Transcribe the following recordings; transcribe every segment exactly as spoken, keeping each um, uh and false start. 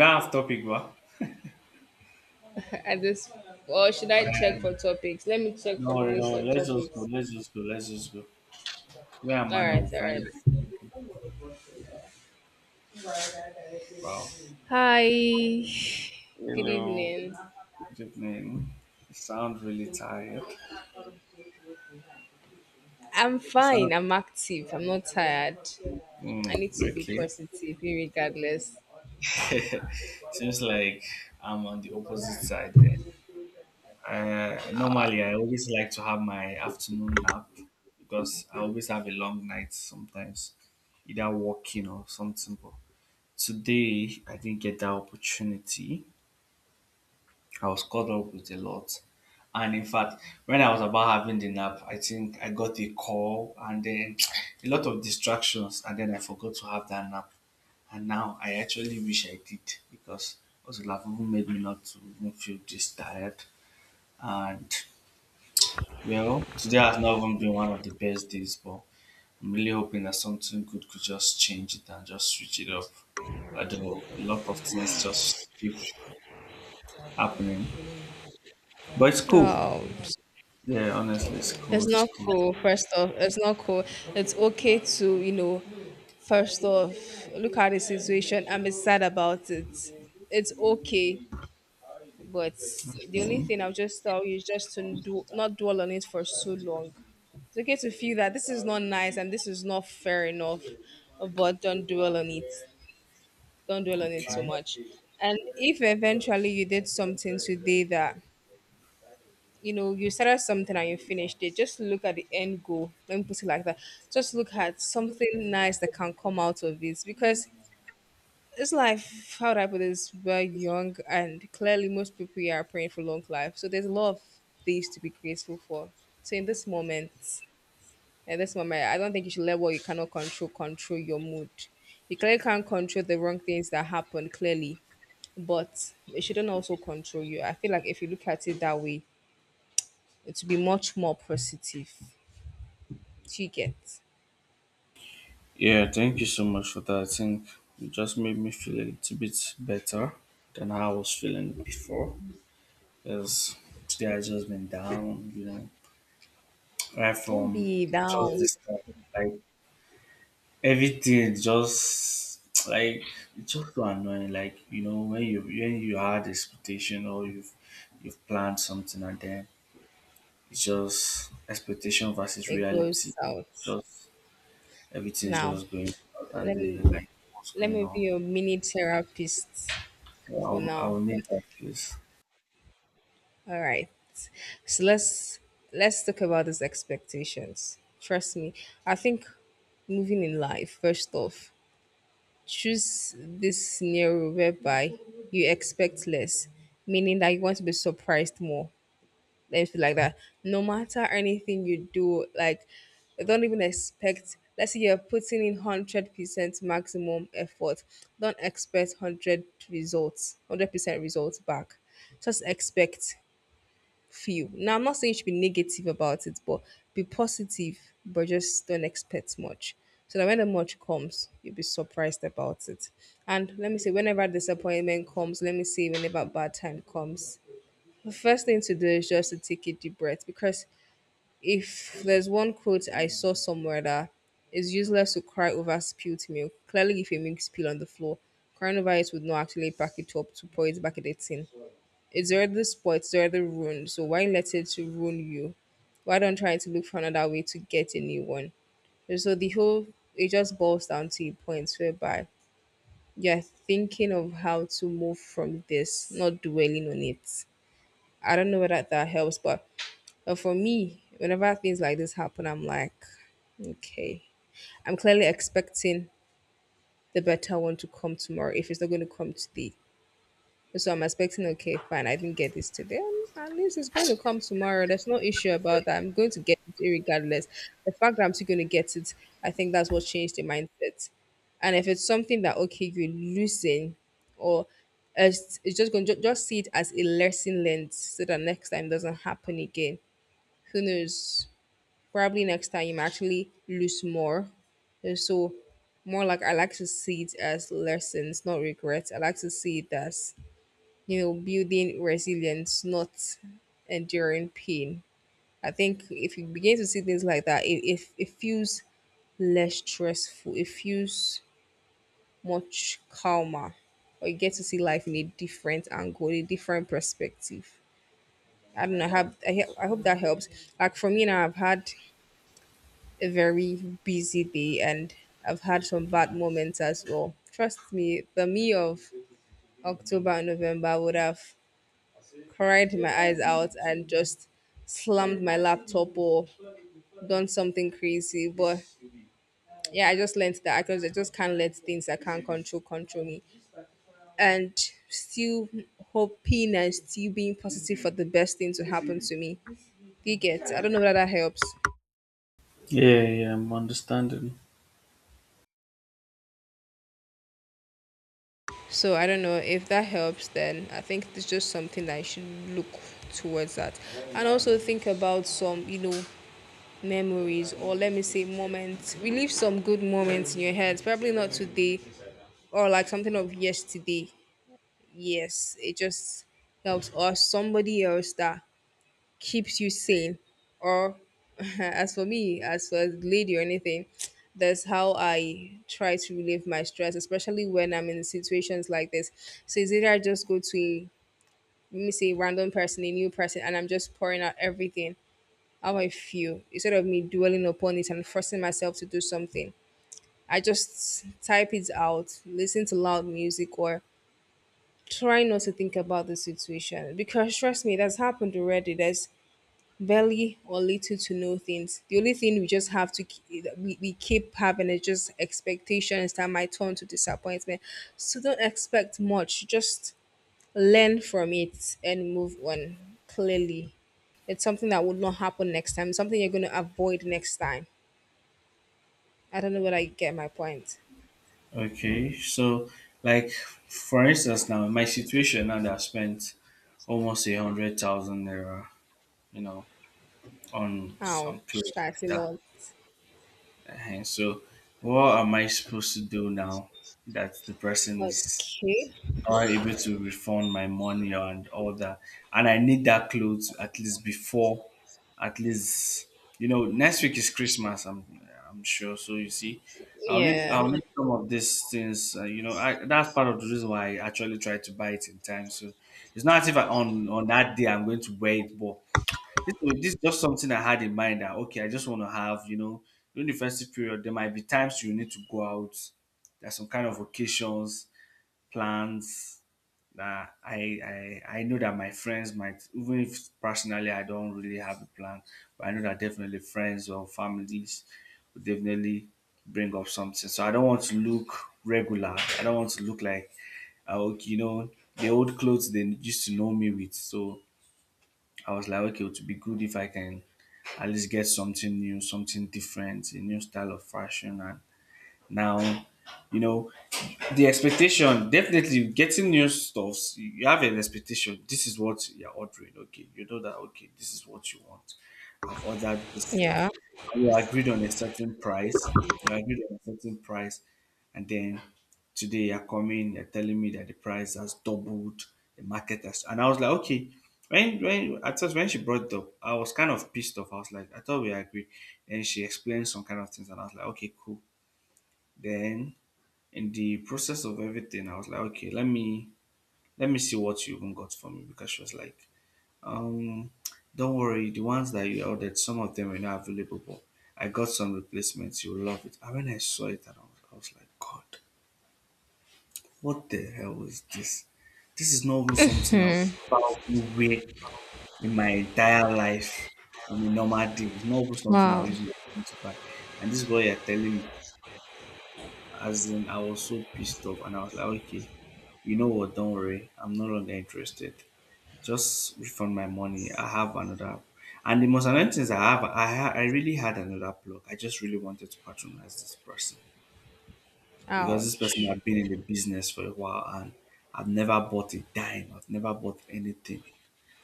We off topic, bro. At this Or should I check And for topics? Let me check for No the worry, no list worry. of Let's just go. topics. Let's just go. Let's just go. Where am All I now? We'll right, all find right. it. Wow. Hi. Good Hello. evening. Good evening. You sound really tired. I'm You fine. sound I'm active. I'm not tired. I mm, need to be okay. positive, regardless. Seems like I'm on the opposite side then. Uh, normally, I always like to have my afternoon nap because I always have a long night sometimes, either walking or something. But today, I didn't get that opportunity. I was caught up with a lot. And in fact, when I was about having the nap, I think I got a call and then a lot of distractions, and then I forgot to have that nap. And now I actually wish I did because what would have even made me not to even feel this tired. And well, today has not even been one of the best days, but I'm really hoping that something good could just change it and just switch it up. Although a lot of things just keep happening, but it's cool. Oh. Yeah, honestly, it's cool. It's It's not cool. cool, first off. It's not cool. It's okay to, you know, first off, look at the situation and be sad about it. It's okay. But the only Okay. thing I'll just tell you is just to do not dwell on it for so long. It's okay to feel that this is not nice and this is not fair enough, but don't dwell on it. Don't dwell on it so Okay. much. And if eventually you did something today that you know you started something and you finished it, just look at the end goal. Let me put it like that. Just look at something nice that can come out of it because it's life. How do I put this? We're young and clearly most people here are praying for long life, so there's a lot of things to be grateful for. So in this moment, at this moment, I don't think you should let what you cannot control control your mood. You clearly can't control the wrong things that happen, clearly, but it shouldn't also control you. I feel like if you look at it that way, it will be much more positive. Do you get? Yeah, thank you so much for that. I think you just made me feel a little bit better than how I was feeling before. Because today I just been down, you know, right Don't from be just down. this time. Like everything just like it's just so annoying. Like you know when you when you had expectation or you've you've planned something and then it's just expectation versus It reality. goes out. It's just everything's Now, just going south and let they're me like, what's let going me be on? your mini therapist So for I'll, now. I'll need that place. All right. So let's let's talk about these expectations. Trust me. I think moving in life, first off, choose this scenario whereby you expect less, meaning that you want to be surprised more. Let me feel like that. No matter anything you do, like don't even expect, let's say you're putting in hundred percent maximum effort. Don't expect hundred results, hundred percent results back. Just expect few. Now I'm not saying you should be negative about it, but be positive, but just don't expect much. So that when the much comes, you'll be surprised about it. And let me say, whenever disappointment comes, let me say, whenever bad time comes, the first thing to do is just to take a deep breath, because if there's one quote I saw somewhere that it's useless to cry over spilled milk. Clearly, if a milk spill on the floor, crying over it would not actually pack it up to pour it back in the tin. It's already spoiled, it's already ruined. So why let it ruin you? Why don't try to look for another way to get a new one? And so the whole it just boils down to a point whereby you're thinking of how to move from this, not dwelling on it. I don't know whether that helps, but but for me, whenever things like this happen, I'm like, okay, I'm clearly expecting the better one to come tomorrow if it's not going to come today. So I'm expecting, okay, fine, I didn't get this today. um, At least it's going to come tomorrow. There's no issue about that. I'm going to get it regardless. The fact that I'm still going to get it, I think that's what changed the mindset. And if it's something that, okay, you're losing, or it's, it's just going to just see it as a lesson learned so that next time doesn't happen again. Who knows? Probably next time actually lose more. Uh, So more like I like to see it as lessons, not regrets. I like to see it as, you know, building resilience, not enduring pain. I think if you begin to see things like that, it, it, it feels less stressful. It feels much calmer. Or you get to see life in a different angle, a different perspective. I don't know. I have I, he- I hope that helps. Like for me now, I've had a very busy day and I've had some bad moments as well. Trust me, the me of October and November would have cried my eyes out and just slammed my laptop or done something crazy. But yeah, I just learned that because I just can't let things I can't control control me. And still hoping and still being positive for the best thing to happen to me. Do you get? I don't know whether that helps. Yeah, yeah, I'm understanding. So I don't know if that helps. Then I think it's just something that I should look towards that, and also think about some, you know, memories, or let me say, moments. Relive some good moments in your head. Probably not today, or like something of yesterday. Yes, it just helps, or somebody else that keeps you sane, or as for me, as for a lady, or anything, that's how I try to relieve my stress, especially when I'm in situations like this. So it's either I just go to a, let me say, a random person, a new person, and I'm just pouring out everything how I feel, instead of me dwelling upon it and forcing myself to do something. I just type it out, listen to loud music, or try not to think about the situation because, trust me, that's happened already. There's barely or little to no things. The only thing we just have to ke- we, we keep having is just expectations that might turn to disappointment. So don't expect much. Just learn from it and move on. Clearly, it's something that will not happen next time. Something you're going to avoid next time. I don't know whether you get my point. Okay, so like for instance now, in my situation now that I spent almost a hundred thousand naira, you know, on some Ouch, clothes I like feel that. lot. uh So what am I supposed to do now that the person is Okay. not able to refund my money and all that. And I need that clothes at least before, at least you know, next week is Christmas. I'm I'm sure. So you see, I'll need Yeah. I'll need some of these things. Uh, you know, I, that's part of the reason why I actually try to buy it in time. So it's not as if I, on on that day I'm going to wear it, but this this is just something I had in mind that okay, I just want to have you know during the festive period there might be times you need to go out. There's some kind of occasions, plans that I, I I know that my friends might even if personally I don't really have a plan, but I know that definitely friends or families will definitely bring up something. So I don't want to look regular. I don't want to look like uh, okay, you know, the old clothes they used to know me with. So I was like, okay, it would be good if I can at least get something new, something different, a new style of fashion and now, you know, the expectation, definitely getting new stuffs, you have an expectation. This is what you're ordering. Okay. You know that, okay, this is what you want. I've ordered this set. Yeah. And we agreed on a certain price. You agreed on a certain price. And then today you're coming, you're telling me that the price has doubled, the market has. And I was like, okay. When, when at first when she brought it up, I was kind of pissed off. I was like, I thought we agreed. And she explained some kind of things, and I was like, okay, cool. Then in the process of everything, I was like, okay, let me let me see what you even got for me because she was like, um, don't worry, the ones that you ordered, some of them are not available, but I got some replacements. You will love it. And when I saw it, and I was, I was like, God, what the hell is this? This is not even something I'll Mm. ever wear in my entire life on a normal day. It's not even something I'll Wow. use my money to buy. And this is what you're telling me. As in, I was so pissed off, and I was like, okay, you know what? Don't worry. I'm no longer interested. Just refund my money. I have another. And the most annoying thing is I have, I, ha- I really had another plug. I just really wanted to patronize this person because this person Ouch. had been in the business for a while and I've never bought a dime. I've never bought anything.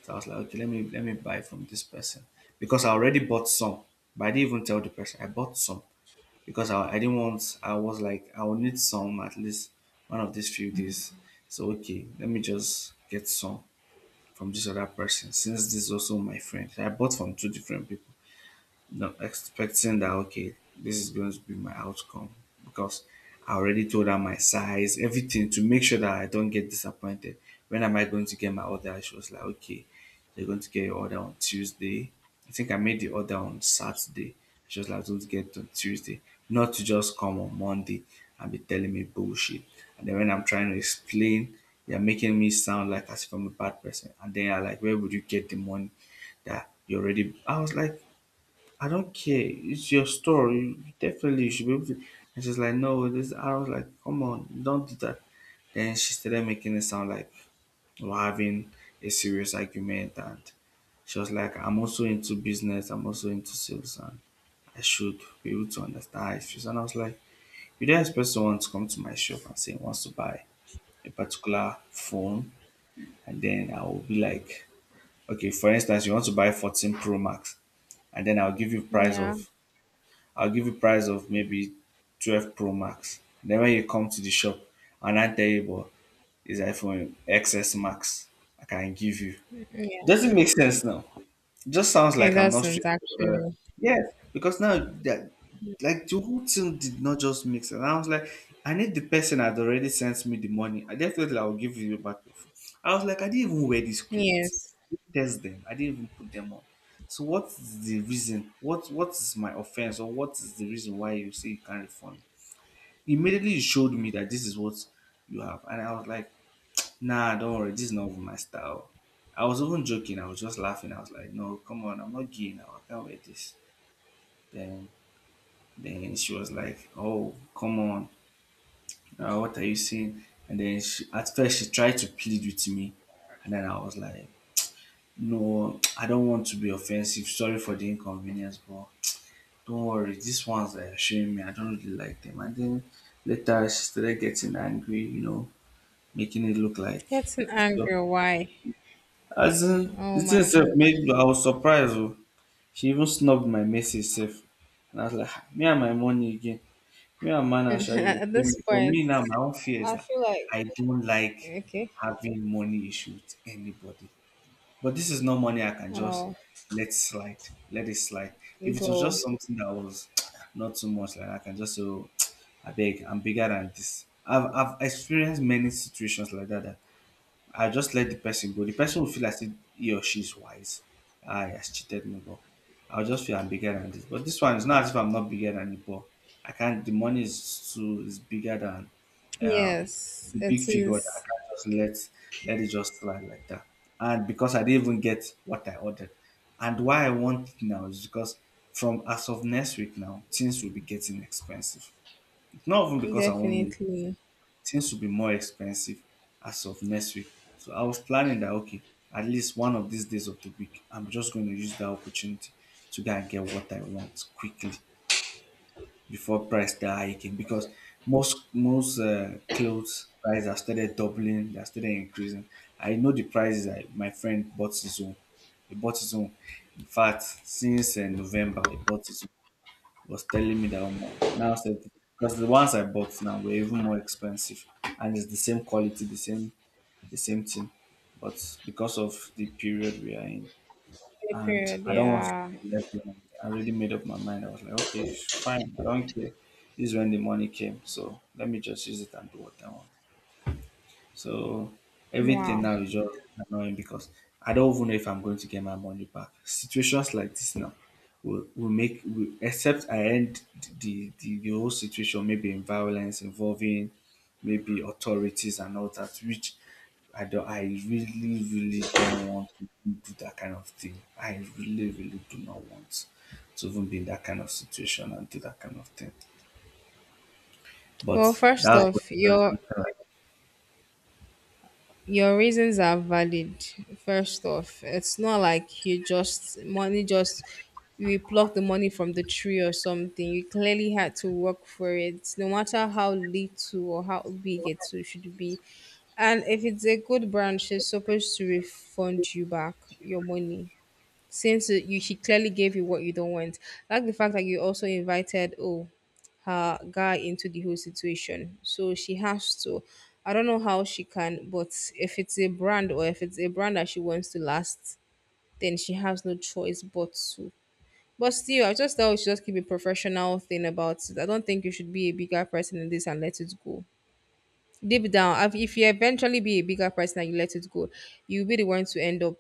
So I was like, okay, let me let me buy from this person because I already bought some, but I didn't even tell the person I bought some because I, I didn't want I was like I will need some at least one of these few days. So okay, let me just get some from this other person since this is also my friend. I bought from two different people. Not expecting that okay, this is going to be my outcome because I already told her my size, everything to make sure that I don't get disappointed. When am I going to get my order? She was like, okay, you're going to get your order on Tuesday. I think I made the order on Saturday. She was like, don't get it on Tuesday, not to just come on Monday and be telling me bullshit. And then when I'm trying to explain, you're making me sound like as if I'm a bad person. And then I like, where would you get the money that you already? I was like, I don't care. It's your store. You definitely you should be able to. And she's like, no, this. I was like, come on, don't do that. Then she started making it sound like we're having a serious argument, and she was like, I'm also into business. I'm also into sales, and I should be able to understand how it. And I was like, you don't expect someone to come to my shop and say he wants to buy a particular phone, and then I will be like, okay, for instance, you want to buy fourteen Pro Max, and then I'll give you price Yeah. of I'll give you price of maybe twelve Pro Max. Then when you come to the shop and I tell you, but it's iPhone X S Max, I can give you. Yeah. Does it make sense now? Just sounds It like I'm not straight. doesn't But, uh, actually. yes, because now that like the whole thing did not just mix sense. I was like, I need the person that already sent me the money. I definitely I will give you back your phone. I was like, I didn't even wear these clothes. Yes. I didn't test them. I didn't even put them on. So what is the reason? What what is my offense or what is the reason why you say you can't refund? Immediately you showed me that this is what you have, and I was like, nah, don't worry. This is not even my style. I was even joking. I was just laughing. I was like, no, come on. I'm not gay now. I can't wear this. Then, then she was like, oh, come on. Uh, what are you saying? And then she, at first she tried to plead with me. And then I was like, no, I don't want to be offensive. Sorry for the inconvenience, but don't worry. These ones are showing me. I don't really like them. And then later she started getting angry, you know, making it look like Getting angry. Why? as in, Oh the thing my itself god! made I was surprised. Oh. She even snubbed my message sef. And I was like, "Ah, me and my money again. Me and man Asha, you At pay me. this But point, me now, my own fear is I that feel like I don't like okay. having money issues with anybody. But this is not money I can just I'll let slide. Let it slide. If it was go. just something that was not too much, like I can just say, oh, I beg, I'm bigger than this. I've, I've experienced many situations like that, that I just let the person go. The person will feel as if he or she is wise. Ah, he has cheated me, but I'll just feel I'm bigger than this. But this one is not as if I'm not bigger than it, but I can't. The money is too is bigger than um, Yes, the big it figure. That I is can't just let let it just slide like that. And because I didn't even get what I ordered, and why I want it now is because from as of next week now, things will be getting expensive. Not even because I want it definitely things will be more expensive as of next week. So I was planning that, okay, at least one of these days of the week, I'm just going to use that opportunity to go and get what I want quickly before price start hiking because most most uh, clothes prices have started doubling, they have started increasing. I know the prices. I, my friend bought his own. He bought his own. In fact, since uh, November, he bought his own, was telling me that omo, now said because the ones I bought now were even more expensive, and it's the same quality, the same the same thing, but because of the period we are in, a and period. I don't want to Yeah. be left behind. I already made up my mind. I was like, okay, fine, I don't care. This is when the money came, so let me just use it and do what I want. So everything Wow. now is just annoying because I don't even know if I'm going to get my money back. Situations like this now will, will make, will, except I end the, the, the whole situation maybe in violence involving maybe authorities and all that, which I don't, I really, really don't want to do that kind of thing. I really, really do not want to even be in that kind of situation and do that kind of thing. But Well, first that's what off, your Your reasons are valid. First off, it's not like you just money just you pluck the money from the tree or something. You clearly had to work for it, no matter how little or how big it should be. And if it's a good brand, she's supposed to refund you back your money since it- you she clearly gave you what you don't want. Like the fact that you also invited oh her guy into the whole situation. So she has to. I don't know how she can, but if it's a brand, or if it's a brand that she wants to last, then she has no choice but to. But still, I just thought we should just keep a professional thing about it. I don't think you should be a bigger person in this and let it go. Deep down, if if you eventually be a bigger person and you let it go, you'll be the one to end up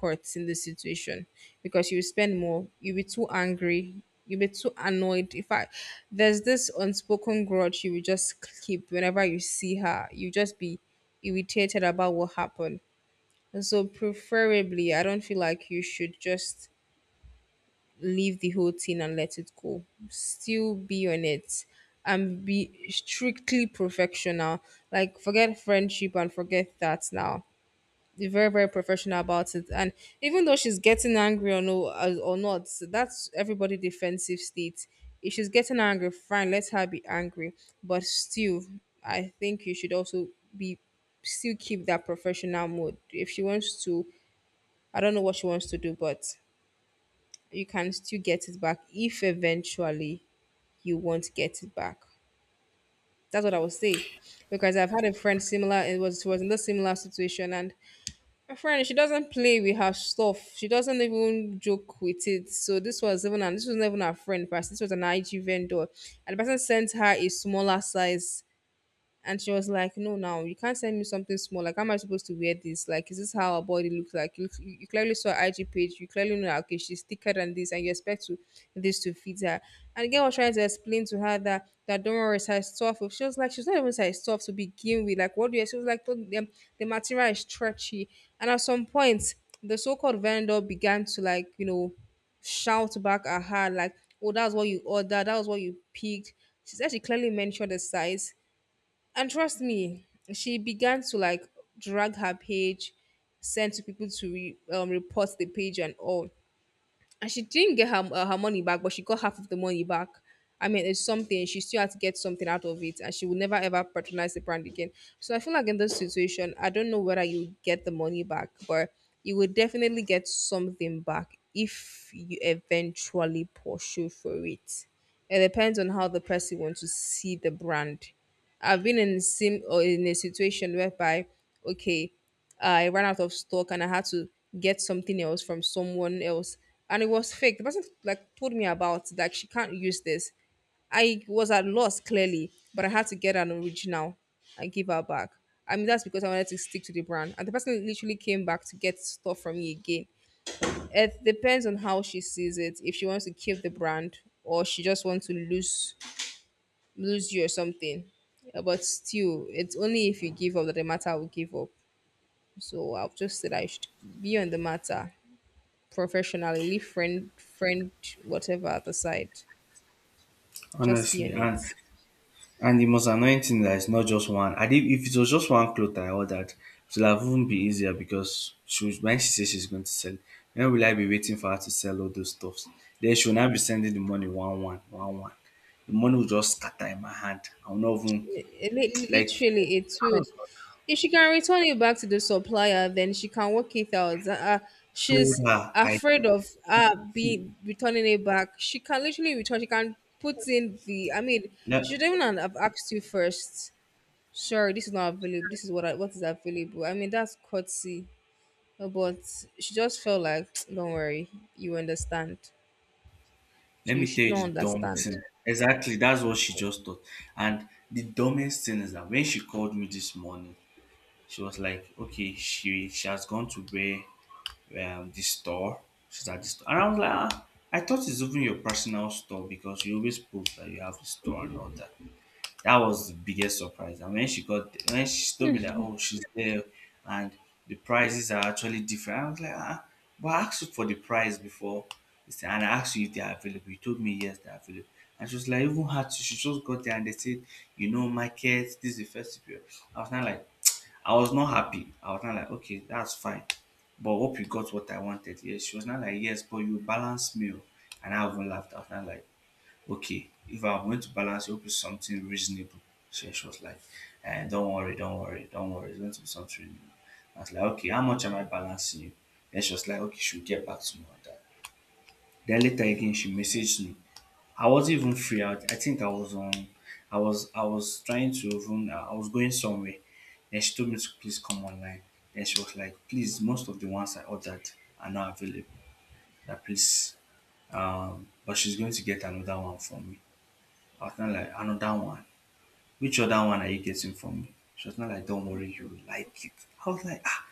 caught in the situation because you spend more, you'll be too angry, you'll be too annoyed. In fact, there's this unspoken grudge you will just keep whenever you see her. You just be irritated about what happened. And so preferably I don't feel like you should just leave the whole thing and let it go. Still be on it and be strictly professional. Like, forget friendship and forget that now they're very very professional about it. And even though she's getting angry or no, as- or not, so that's everybody defensive state. If she's getting angry, fine, let her be angry. But still, I think you should also be still keep that professional mode if she wants to. I don't know what she wants to do, but you can still get it back. If eventually you won't get it back, that's what I would say. Because I've had a friend similar. It was She was in the similar situation. And my friend, she doesn't play with her stuff. She doesn't even joke with it. So this was even an, this was not even her friend first. This was an I G vendor, and the person sent her a smaller size. And she was like, "No, now you can't send me something small. Like, how am I supposed to wear this? Like, is this how our body looks like? You, you clearly saw her I G page. You clearly know, that, okay, she's thicker than this, and you expect to, this to fit her." And the girl was trying to explain to her that, that don't worry, size twelve. She was like, she's not even size twelve to begin with. Like, what do you, she was like, the, the material is stretchy. And at some point, the so called vendor began to, like, you know, shout back at her like, "Oh, that's what you ordered. That was what you picked." She said she clearly mentioned the size, and trust me, she began to like drag her page, send to people to re, um, report the page and all. And she didn't get her, uh, her money back, but she got half of the money back. I mean, it's something. She still had to get something out of it, and she will never ever patronize the brand again. So I feel like in this situation, I don't know whether you get the money back, but you will definitely get something back if you eventually pursue for it. It depends on how the person wants to see the brand. I've been in sim or in a situation whereby, okay, I ran out of stock and I had to get something else from someone else, and it was fake. The person like told me about like she can't use this. I was at loss clearly, but I had to get an original and give her back. I mean that's because I wanted to stick to the brand, and the person literally came back to get stuff from me again. It depends on how she sees it. If she wants to keep the brand or she just wants to lose lose you or something. Uh, But still, it's only if you give up that the matter will give up. So I've just said I should be on the matter professionally, leave friend, friend, whatever at the side. Just be on honestly, and it. And the most annoying thing that it's not just one. I did, if it was just one cloth that I ordered, it would have even been easier because she was, when she says she's going to sell, when will I be waiting for her to sell all those stuffs? Then she will now be sending the money one one one one. The money will just scatter in my hand. I will not even It- it- like Literally, it would. If she can return it back to the supplier, then she can work it out. Uh, uh, told She's her I afraid of uh see. be returning it back. She can literally return. She can put in the. I mean, Let, she shouldn't even have asked you first. Sorry, this is not available. This is what I, what is available. I mean, that's courtesy. Uh, But she just felt like, don't worry, you understand. So Let you me tell should you not the dumb understand. thing. Exactly, that's what she just thought. And the dumbest thing is that when she called me this morning, she was like, okay, she she has gone to where, um, this store. She's at this store, and I was like, ah, I thought it's even your personal store because you always post that you have a store and all that. That was the biggest surprise. And when she got, when she told me that, oh, she's there, and the prices are actually different. I was like, ah, but I asked you for the price before. She said, and I asked you if they are available. You told me yes, they are available. And she was like, even had to, she just got there and they said, you know, market, this is the first period. I was not like, I was not happy. I was not like, okay, that's fine. But hope you got what I wanted. Yes, she was not like, yes, but you balance me. Oh." And I even laughed. I was not like, okay, if I'm going to balance, it hope it's something reasonable. So she was like, eh, don't worry, don't worry, don't worry. It's going to be something reasonable. I was like, okay, how much am I balancing you? Then she was like, okay, she'll get back to me on that. Then later again, she messaged me. I wasn't even free. I, I think I was on. I was I was trying to even. uh, I was going somewhere. Then she told me to please come online. Then she was like, please, most of the ones I ordered are not available. That please, um, but she's going to get another one from me. I was not like another one. Which other one are you getting from me? She was not like, don't worry, you will like it. I was like, "Ah,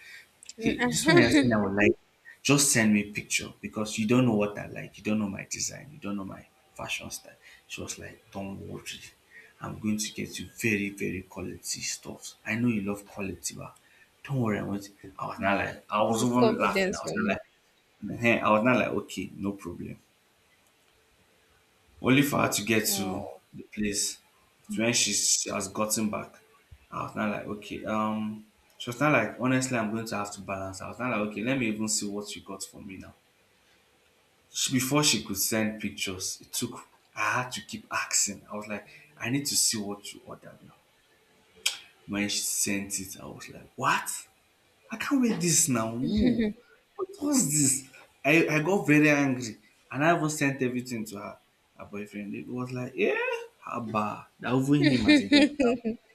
he, this one you're saying I would like, just send me picture because you don't know what I like. You don't know my design. You don't know my fashion style. She was like, don't worry. I'm going to get you very, very quality stuff. I know you love quality, but don't worry. I want. I was not like, I It's was the even laughing. I confidence was for not me. like, "Ehen." I was not like, okay, no problem only for her to get to Oh, the place, to when she, she has gotten back. I was not like, okay, um, she was not like, honestly, I'm going to have to balance. I was not like, okay, let me even see what you got for me now. She, before she could send pictures, it took, I had to keep asking. I was like, I need to see what you ordered now. When she sent it, I was like, what? I can't wear this now. No. What was this? I, I got very angry and I even sent everything to her, her boyfriend. It was like, yeah, haba. That even him as a guy.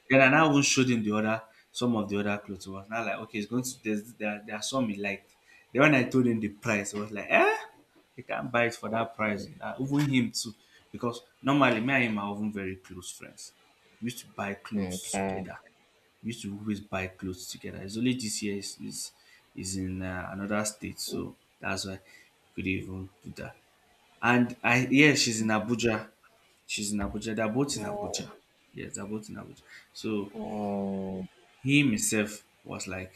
Then I now even showed him the other, some of the other clothes. It was now like, okay, it's going to, there's, there, there are some he liked. Then when I told him the price, it was like, eh, he can't buy it for that price. Uh, even him too. Because normally me and him are even very close friends. We used to buy clothes okay. together, we used to always buy clothes together. It's only this year is is, is in uh, another state, so that's why we couldn't even do that. And I, yeah, she's in Abuja. She's in Abuja. They're both in Oh, Abuja. Yes, they're both in Abuja. So oh. him himself was like,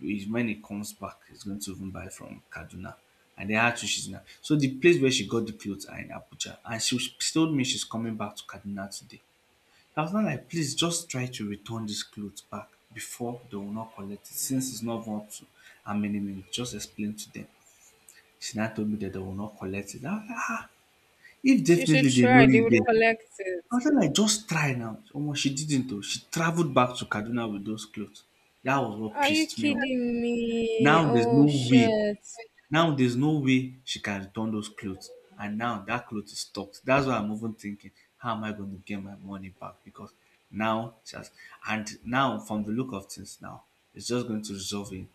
he- when he comes back, he's going to even buy from Kaduna. And they had to, she's in. So the place where she got the clothes are in Abuja, and she, was- she told me she's coming back to Kaduna today. I was now like, please just try to return this clothes back before they will not collect it. Since it's not even up to how many minutes, just explain to them. She now told me that they will not collect it. I was like, ah, if She should definitely they know try. They you would there. collect I it. was like, "Like, just try now. Omo, she didn't though. She traveled back to Kaduna with those clothes. That was what Are you pissed me off. kidding Now me? there's Oh, no way shit. now there's no way she can return those clothes. And now that clothes is stocked. That's why I'm even thinking, how am I going to get my money back? Because now she has, and now from the look of things now, it's just going to resolve in,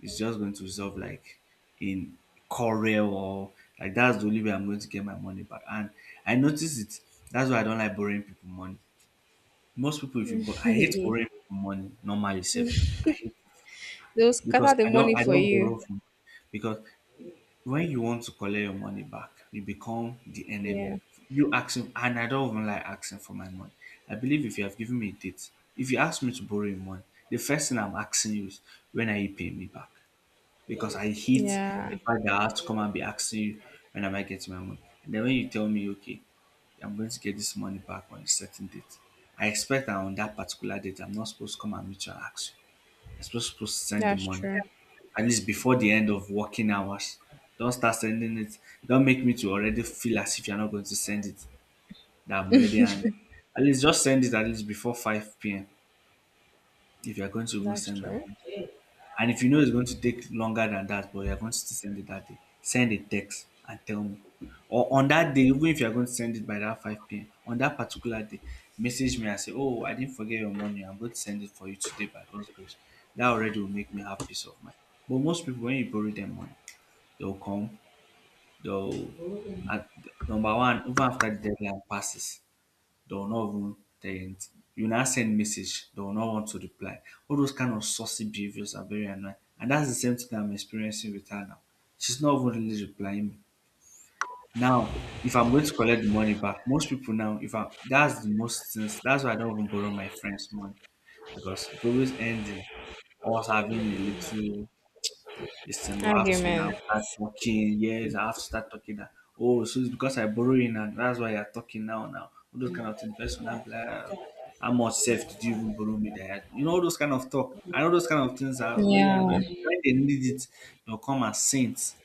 it's just going to resolve like in Corel or, like, that's the only way I'm going to get my money back. And I notice it. That's why I don't like borrowing people money. Most people, if you borrow, I hate They borrowing people money normally safe. I hate it will scatter because the I money don't I for don't you. borrow from because when you want to collect your money back, you become the Yeah. enemy. You ask him, and I don't even like asking for my money. I believe if you have given me a date, if you ask me to borrow your money, the first thing I'm asking you is, when are you paying me back? Because I hate the Yeah. fact that I have to come and be asking you, when am I getting my money? And then when you tell me, okay, I'm going to get this money back on a certain date, I expect that on that particular date, I'm not supposed to come and meet you and ask you. You're supposed supposed to send the That's money true. at least before the end of working hours. Don't start sending it. Don't make me to already feel as if you're not going to send it. That I'm already angry. At least just send it at least before five p m if you're going to even That's send my true. money. And if you know it's going to take longer than that, but you're going to still send it that day, send a text and tell me. Or on that day, even if you're going to send it by that five p m, on that particular day, message me and say, oh, I didn't forget your money. I'm going to send it for you today by God's grace. That already will make me have peace of mind. But most people, when you borrow them money, they'll come, they'll, at, number one, even after the deadline passes, they will not even um you now send message, they will not want to reply. All those kind of saucy behaviors are very annoying and that's the same thing that I'm experiencing with her now. She's not even really replying me. Now if I'm going to collect the money back, most people now if I that's the most things that's why I don't even borrow my friends money because it always ends in us having a little this thing will have to now Argument. start talking. Yes, I have to start talking that. Oh, so it's because I borrow in and that's why you're talking now now. All those kind of things. The person will now be like, "Ah, how much self did you even borrow me there?" You know, all those kind of talk. I know those kind of things are really Yeah. No. annoying. When they need it, they'll come as saints.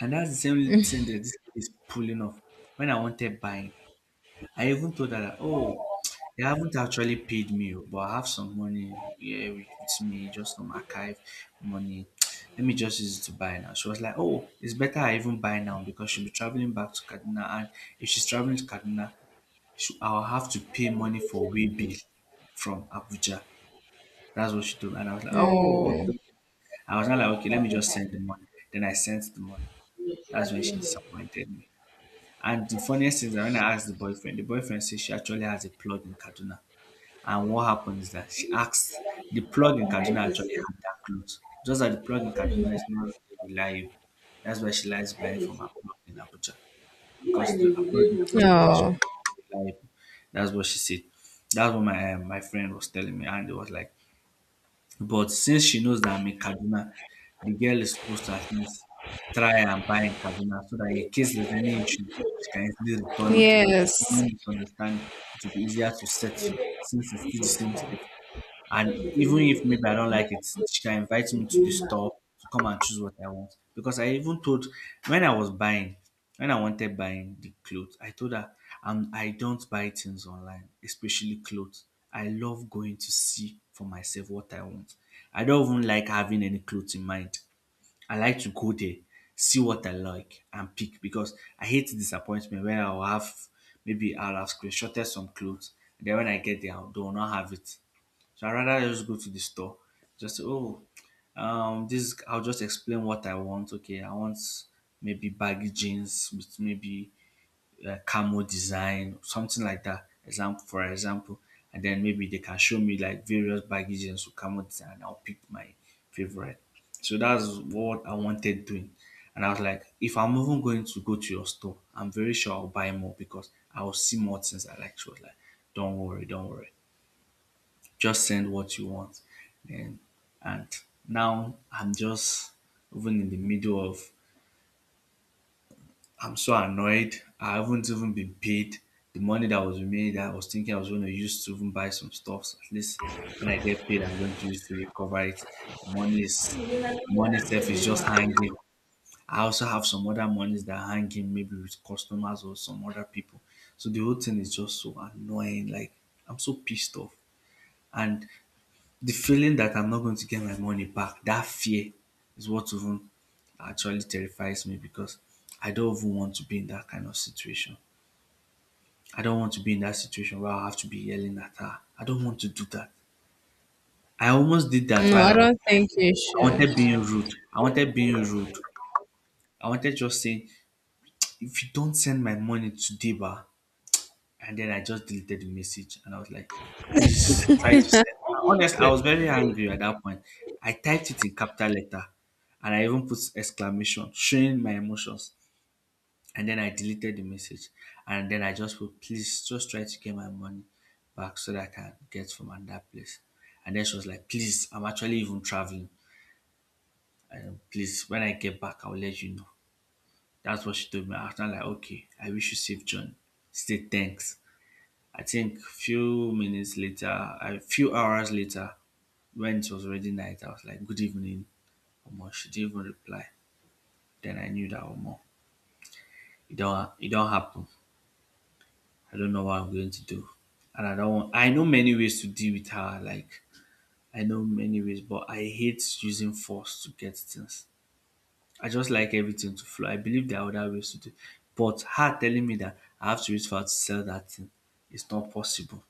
And that's the same thing that this is pulling off. When I wanted buying, I even told her that, oh, they haven't actually paid me, oh, but I have some money here with with me, just some archive money. Let me just use it to buy now. She was like, oh, it's better I even buy now because she'll be traveling back to Kaduna. And if she's traveling to Kaduna, she, I'll have to pay money for way bill from Abuja. That's what she told me. And I was like, No. oh, okay. I was not like, okay, let me just send the money. Then I sent the money. That's when she disappointed me. And the funniest thing is that when I asked the boyfriend, the boyfriend says she actually has a plug in Kaduna. And what happened is that she asked the plug in Kaduna actually had that clothes. Just that the plug in Kaduna is not really reliable. That's why she likes buying from her plug in Abuja. Because the her plug in Abuja is reliable. That's what she said. That's what my uh, my friend was telling me, and it was like but since she knows that I'm in Kaduna, the girl is supposed to at least try and buy in Kaduna so that in case there's any issue, she can easily return it, or if Yes. any misunderstand, it will be easier to settle since it's still the same state. And even if maybe I don't like it, she can invite me to the store to come and choose what I want. Because I even told when I was buying, when I wanted buying the clothes, I told her um, I don't buy things online, especially clothes. I love going to see for myself what I want. I don't even like having any clothes in mind. I like to go there, see what I like, and pick, because I hate disappointment when I'll have maybe I'll have screenshotted some clothes. And then when I get there, I'll- they will not have it. So I rather just go to the store, just say, oh, um, this I'll just explain what I want. Okay, I want maybe baggy jeans with maybe uh, camo design, something like that. Example for example, and then maybe they can show me like various baggy jeans with camo design. And I'll pick my favorite. So that's what I wanted doing. And I was like, if I'm even going to go to your store, I'm very sure I'll buy more because I'll see more things I like. She was like, don't worry, don't worry. Just send what you want. And and now I'm just even in the middle of I'm so annoyed. I haven't even been paid. The money that was made, I was thinking I was going to use to even buy some stuff. At least when I get paid, I'm going to use to recover it. The money is money itself is just hanging. I also have some other monies that are hanging, maybe with customers or some other people. So the whole thing is just so annoying. Like I'm so pissed off. And the feeling that I'm not going to get my money back, that fear is what even actually terrifies me, because I don't even want to be in that kind of situation. I don't want to be in that situation where I have to be yelling at her. I don't want to do that. I almost did that No, while I I was don't like, think you I should. wanted being rude. I wanted being rude. I wanted just saying, if you don't send my money today, ba, and then I just deleted the message and I was like, please try to send. Honestly, I was very angry at that point. I typed it in capital letter and I even put exclamation, showing my emotions. And then I deleted the message. And then I just put, please just try to get my money back so that I can get from another place. And then she was like, please, I'm actually even traveling. And please, when I get back, I'll let you know. That's what she told me. I was not like, okay, I wish you safe journey. Stay thanks. I think few minutes later, a few hours later, when it was already night, I was like, "Good evening." Omo, she didn't even reply. Then I knew that Omo, it don't it don't happen. I don't know what I'm going to do, and I don't want. I know many ways to deal with her. Like I know many ways, but I hate using force to get things. I just like everything to flow. I believe there are other ways to do, but her telling me that I have to use for her to sell that thing, it's not possible.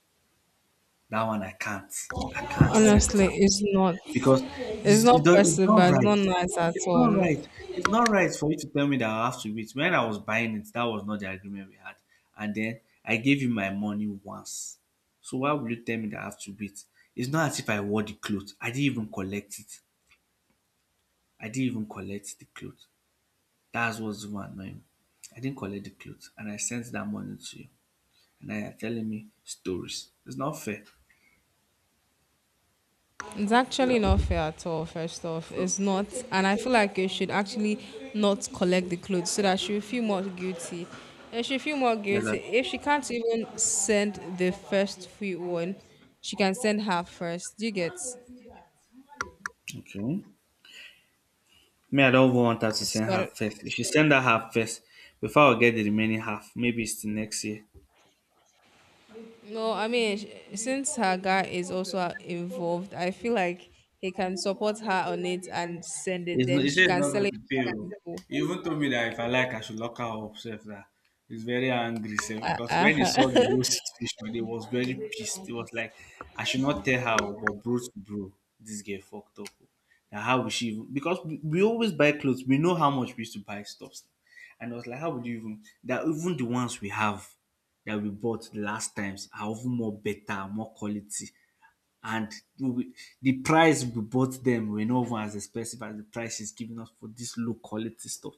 That one I can't. I can't Honestly, accept. it's not. Because It's this, not it does, it's possible. not It's right. not nice at It's not all. right. It's not right for you to tell me that I have to wait. When I was buying it, that was not the agreement we had. And then I gave you my money once. So why would you tell me that I have to wait? It's not as if I wore the clothes. I didn't even collect it. I didn't even collect the clothes. That's what's even annoying. I didn't collect the clothes and I sent that money to you. And now you're telling me stories. It's not fair. It's So, actually not fair at all, first off. so, It's not. And I feel like you should actually not collect the clothes so that she will feel more guilty. And she feel more yeah, guilty. like, If she can't even send the first free one, she can send her first. Do you get? So, okay. Me, I don't even want her to send I- half first. If she send that half first, before I get the remaining half, maybe it's the next year. no, I mean, sh- since her guy is also uh, involved, I feel like he can support her on it and send it. It's not, Then he she said it's can not sell going it to pay. That's to oh. it. people. He even told me that if I like, I should lock her up. Self that he's very angry, self, Uh, because when he uh, saw the whole situation, he was very pissed. He was like, I should not tell her, oh, but bro to bro, this girl fucked up, oh. Now how would she even? Because we we always buy clothes, we know how much we used to buy stuff, and I was like, how would you even? That even the ones we have that we bought the last times are even more better, more quality, and we, the price we bought them were not even as expensive as the price she's giving us for this low quality stuff.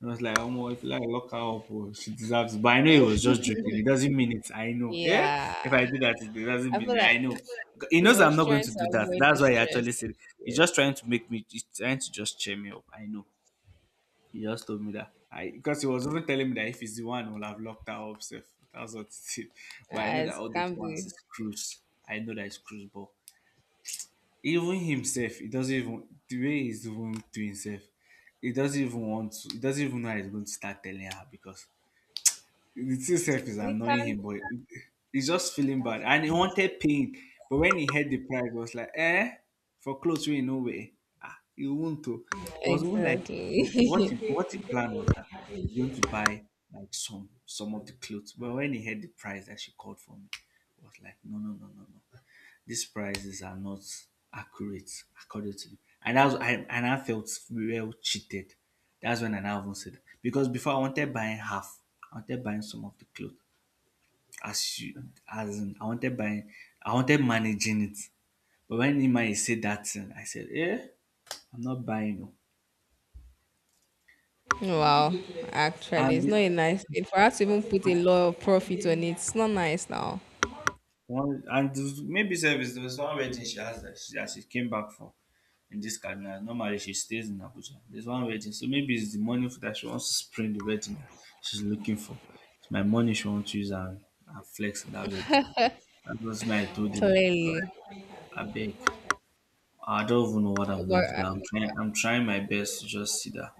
And I was like, oh, my, if you like lock her up, oh, she deserves it. But I know he was just joking. It doesn't mean it. I know. Eh? If I yeah. do that, it doesn't I mean feel it. I like know. He he knows I'm was not going trying to to do that. avoid the That's why he stress. actually said it. He's Yes, just trying to make me, he's trying to just cheer me up. I know. He just told me that. I because he was even telling me that if he's the one, will have locked her up safe. That's what he said. But I know that as all those can ones be. is cruise. I know that it's cruise, but even himself he doesn't even the way he's even to himself he doesn't even want to he doesn't even know how he's going to start telling her, because the thing self is He annoying can't him, but he's just feeling bad and he wanted pain, but when he heard the price he was like eh for clothes we no way, ah he won't to, it was even like exactly. what he what he planned was that he's going to buy like some some of the clothes, but when he heard the price that she called for me, it was like no no no no no, these prices are not accurate according to, and that's I and I felt real cheated. That's when I now even said because before I wanted buying half, I wanted buying some of the clothes. As you as in I wanted buying I wanted managing it. But when Nima said that thing, I said, eh, I'm not buying no. Wow, actually, And it's not a the, nice thing for us to even put a lot of profit on it. It's not nice now, one and the, maybe service there was one wedding she asked that she, that she came back for. In this Kaduna. Normally she stays in Abuja. There's one wedding, so maybe it's the money that she wants to spend the wedding that she's looking for. It's my money she wants to use and, and flex in that wedding. That was my I told him. God, clearly. I beg. I don't even know what I'm But going to do. I'm trying. I'm trying my best to just see that.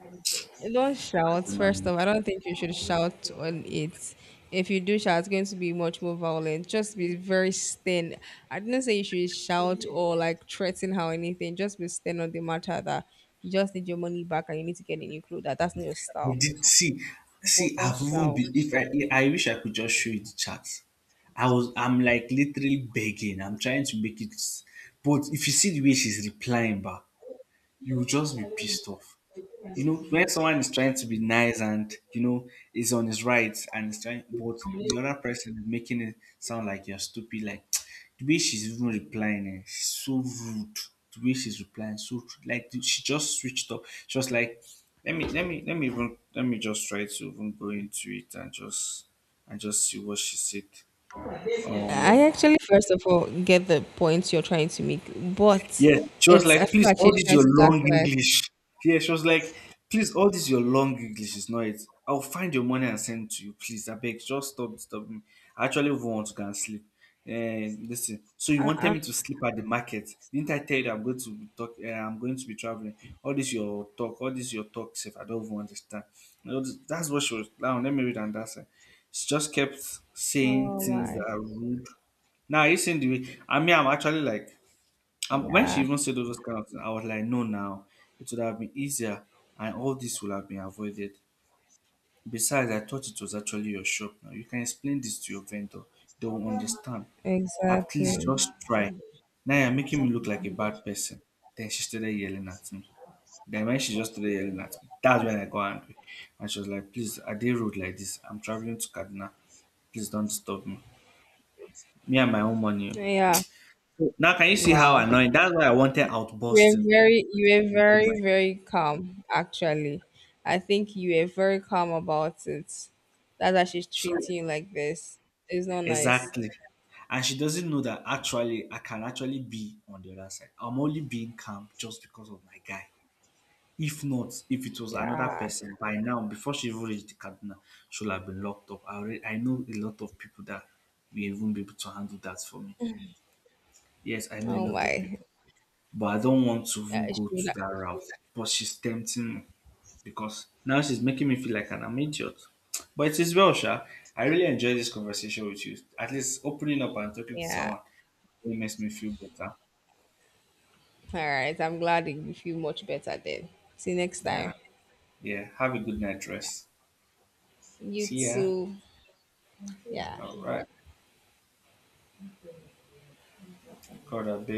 don't shout, first I of all. I don't think you should shout on it. If you do shout, it's going to be much more violent. Just be very stern. I didn't say you should shout or like threaten her or anything. Just be stern on the matter that you just need your money back and you need to get a new clothes. That that's not your style. did see. But See, don't I've even shout. been. If I, I wish I could just show you the chat. I was. I'm like literally begging. I'm trying to make it. But if you see the way she's replying, back. You will just be pissed off. You know, when someone is trying to be nice and you know is on his rights and is trying, but the other person is making it sound like you're stupid. Like the way she's even replying eh, she's so rude. The way she's replying, so rude. Like she just switched up. She was like, "Let me, let me, let me even, let me just try to even go into it and just and just see what she said." Um, I actually, first of all, get the points you're trying to make, but Yeah, she was it's I like, feel please, like all she's this trying your to long gaslight. English. Yeah, she was like, please, all this your long English is not it. I'll find your money and send to you, please. I beg, just stop disturbing me. I actually even want to go and sleep. And listen, so you wanted Uh-uh. me to sleep at the market. Didn't I tell you I'm going to be talk, uh, I'm going to be traveling? All this your talk, all this your talk, safe. I don't even understand. You know, this- that's what she was. Now let me read and that's it. She just kept saying Oh things my, that are rude. Now you seen the way I mean I'm actually like um, when she yeah, even said all those kind of things, I was like, no, now it would have been easier, and all this would have been avoided. Besides, I thought it was actually your shop. Now you can explain this to your vendor; they will understand. At exactly. least just try. Now you're making me look like a bad person. Then she started yelling at me. Then when she just started yelling at me, that's when I got angry, and she was like, "Please, are they rude like this. I'm traveling to Kaduna. Please don't disturb me. Me and my own money, oh." Yeah. So now can you see how Wow. annoying? That's why I wanted You were outbursting. very you were very, very calm, actually. I think you were very calm about it. That's why she's So treating you like this. It's not nice. exactly. And she doesn't know that actually I can actually be on the other side. I'm only being calm just because of my guy. If not, if it was another Yeah. person by now, before she even reached the Kaduna, she would have been locked up. I already, I know a lot of people that will even be able to handle that for me. Yes, I know a Oh lot of people, my. but I don't want to Yeah, even go she would to that route. But she's tempting me. Because now she's making me feel like an I'm idiot. But it is well, Sha. I really enjoy this conversation with you. At least opening up and talking to yeah. someone really makes me feel better. All right. I'm glad you feel much better then. See you next time. Yeah. Yeah. Have a good night rest. You See ya. too. Yeah. All right. Call that babe.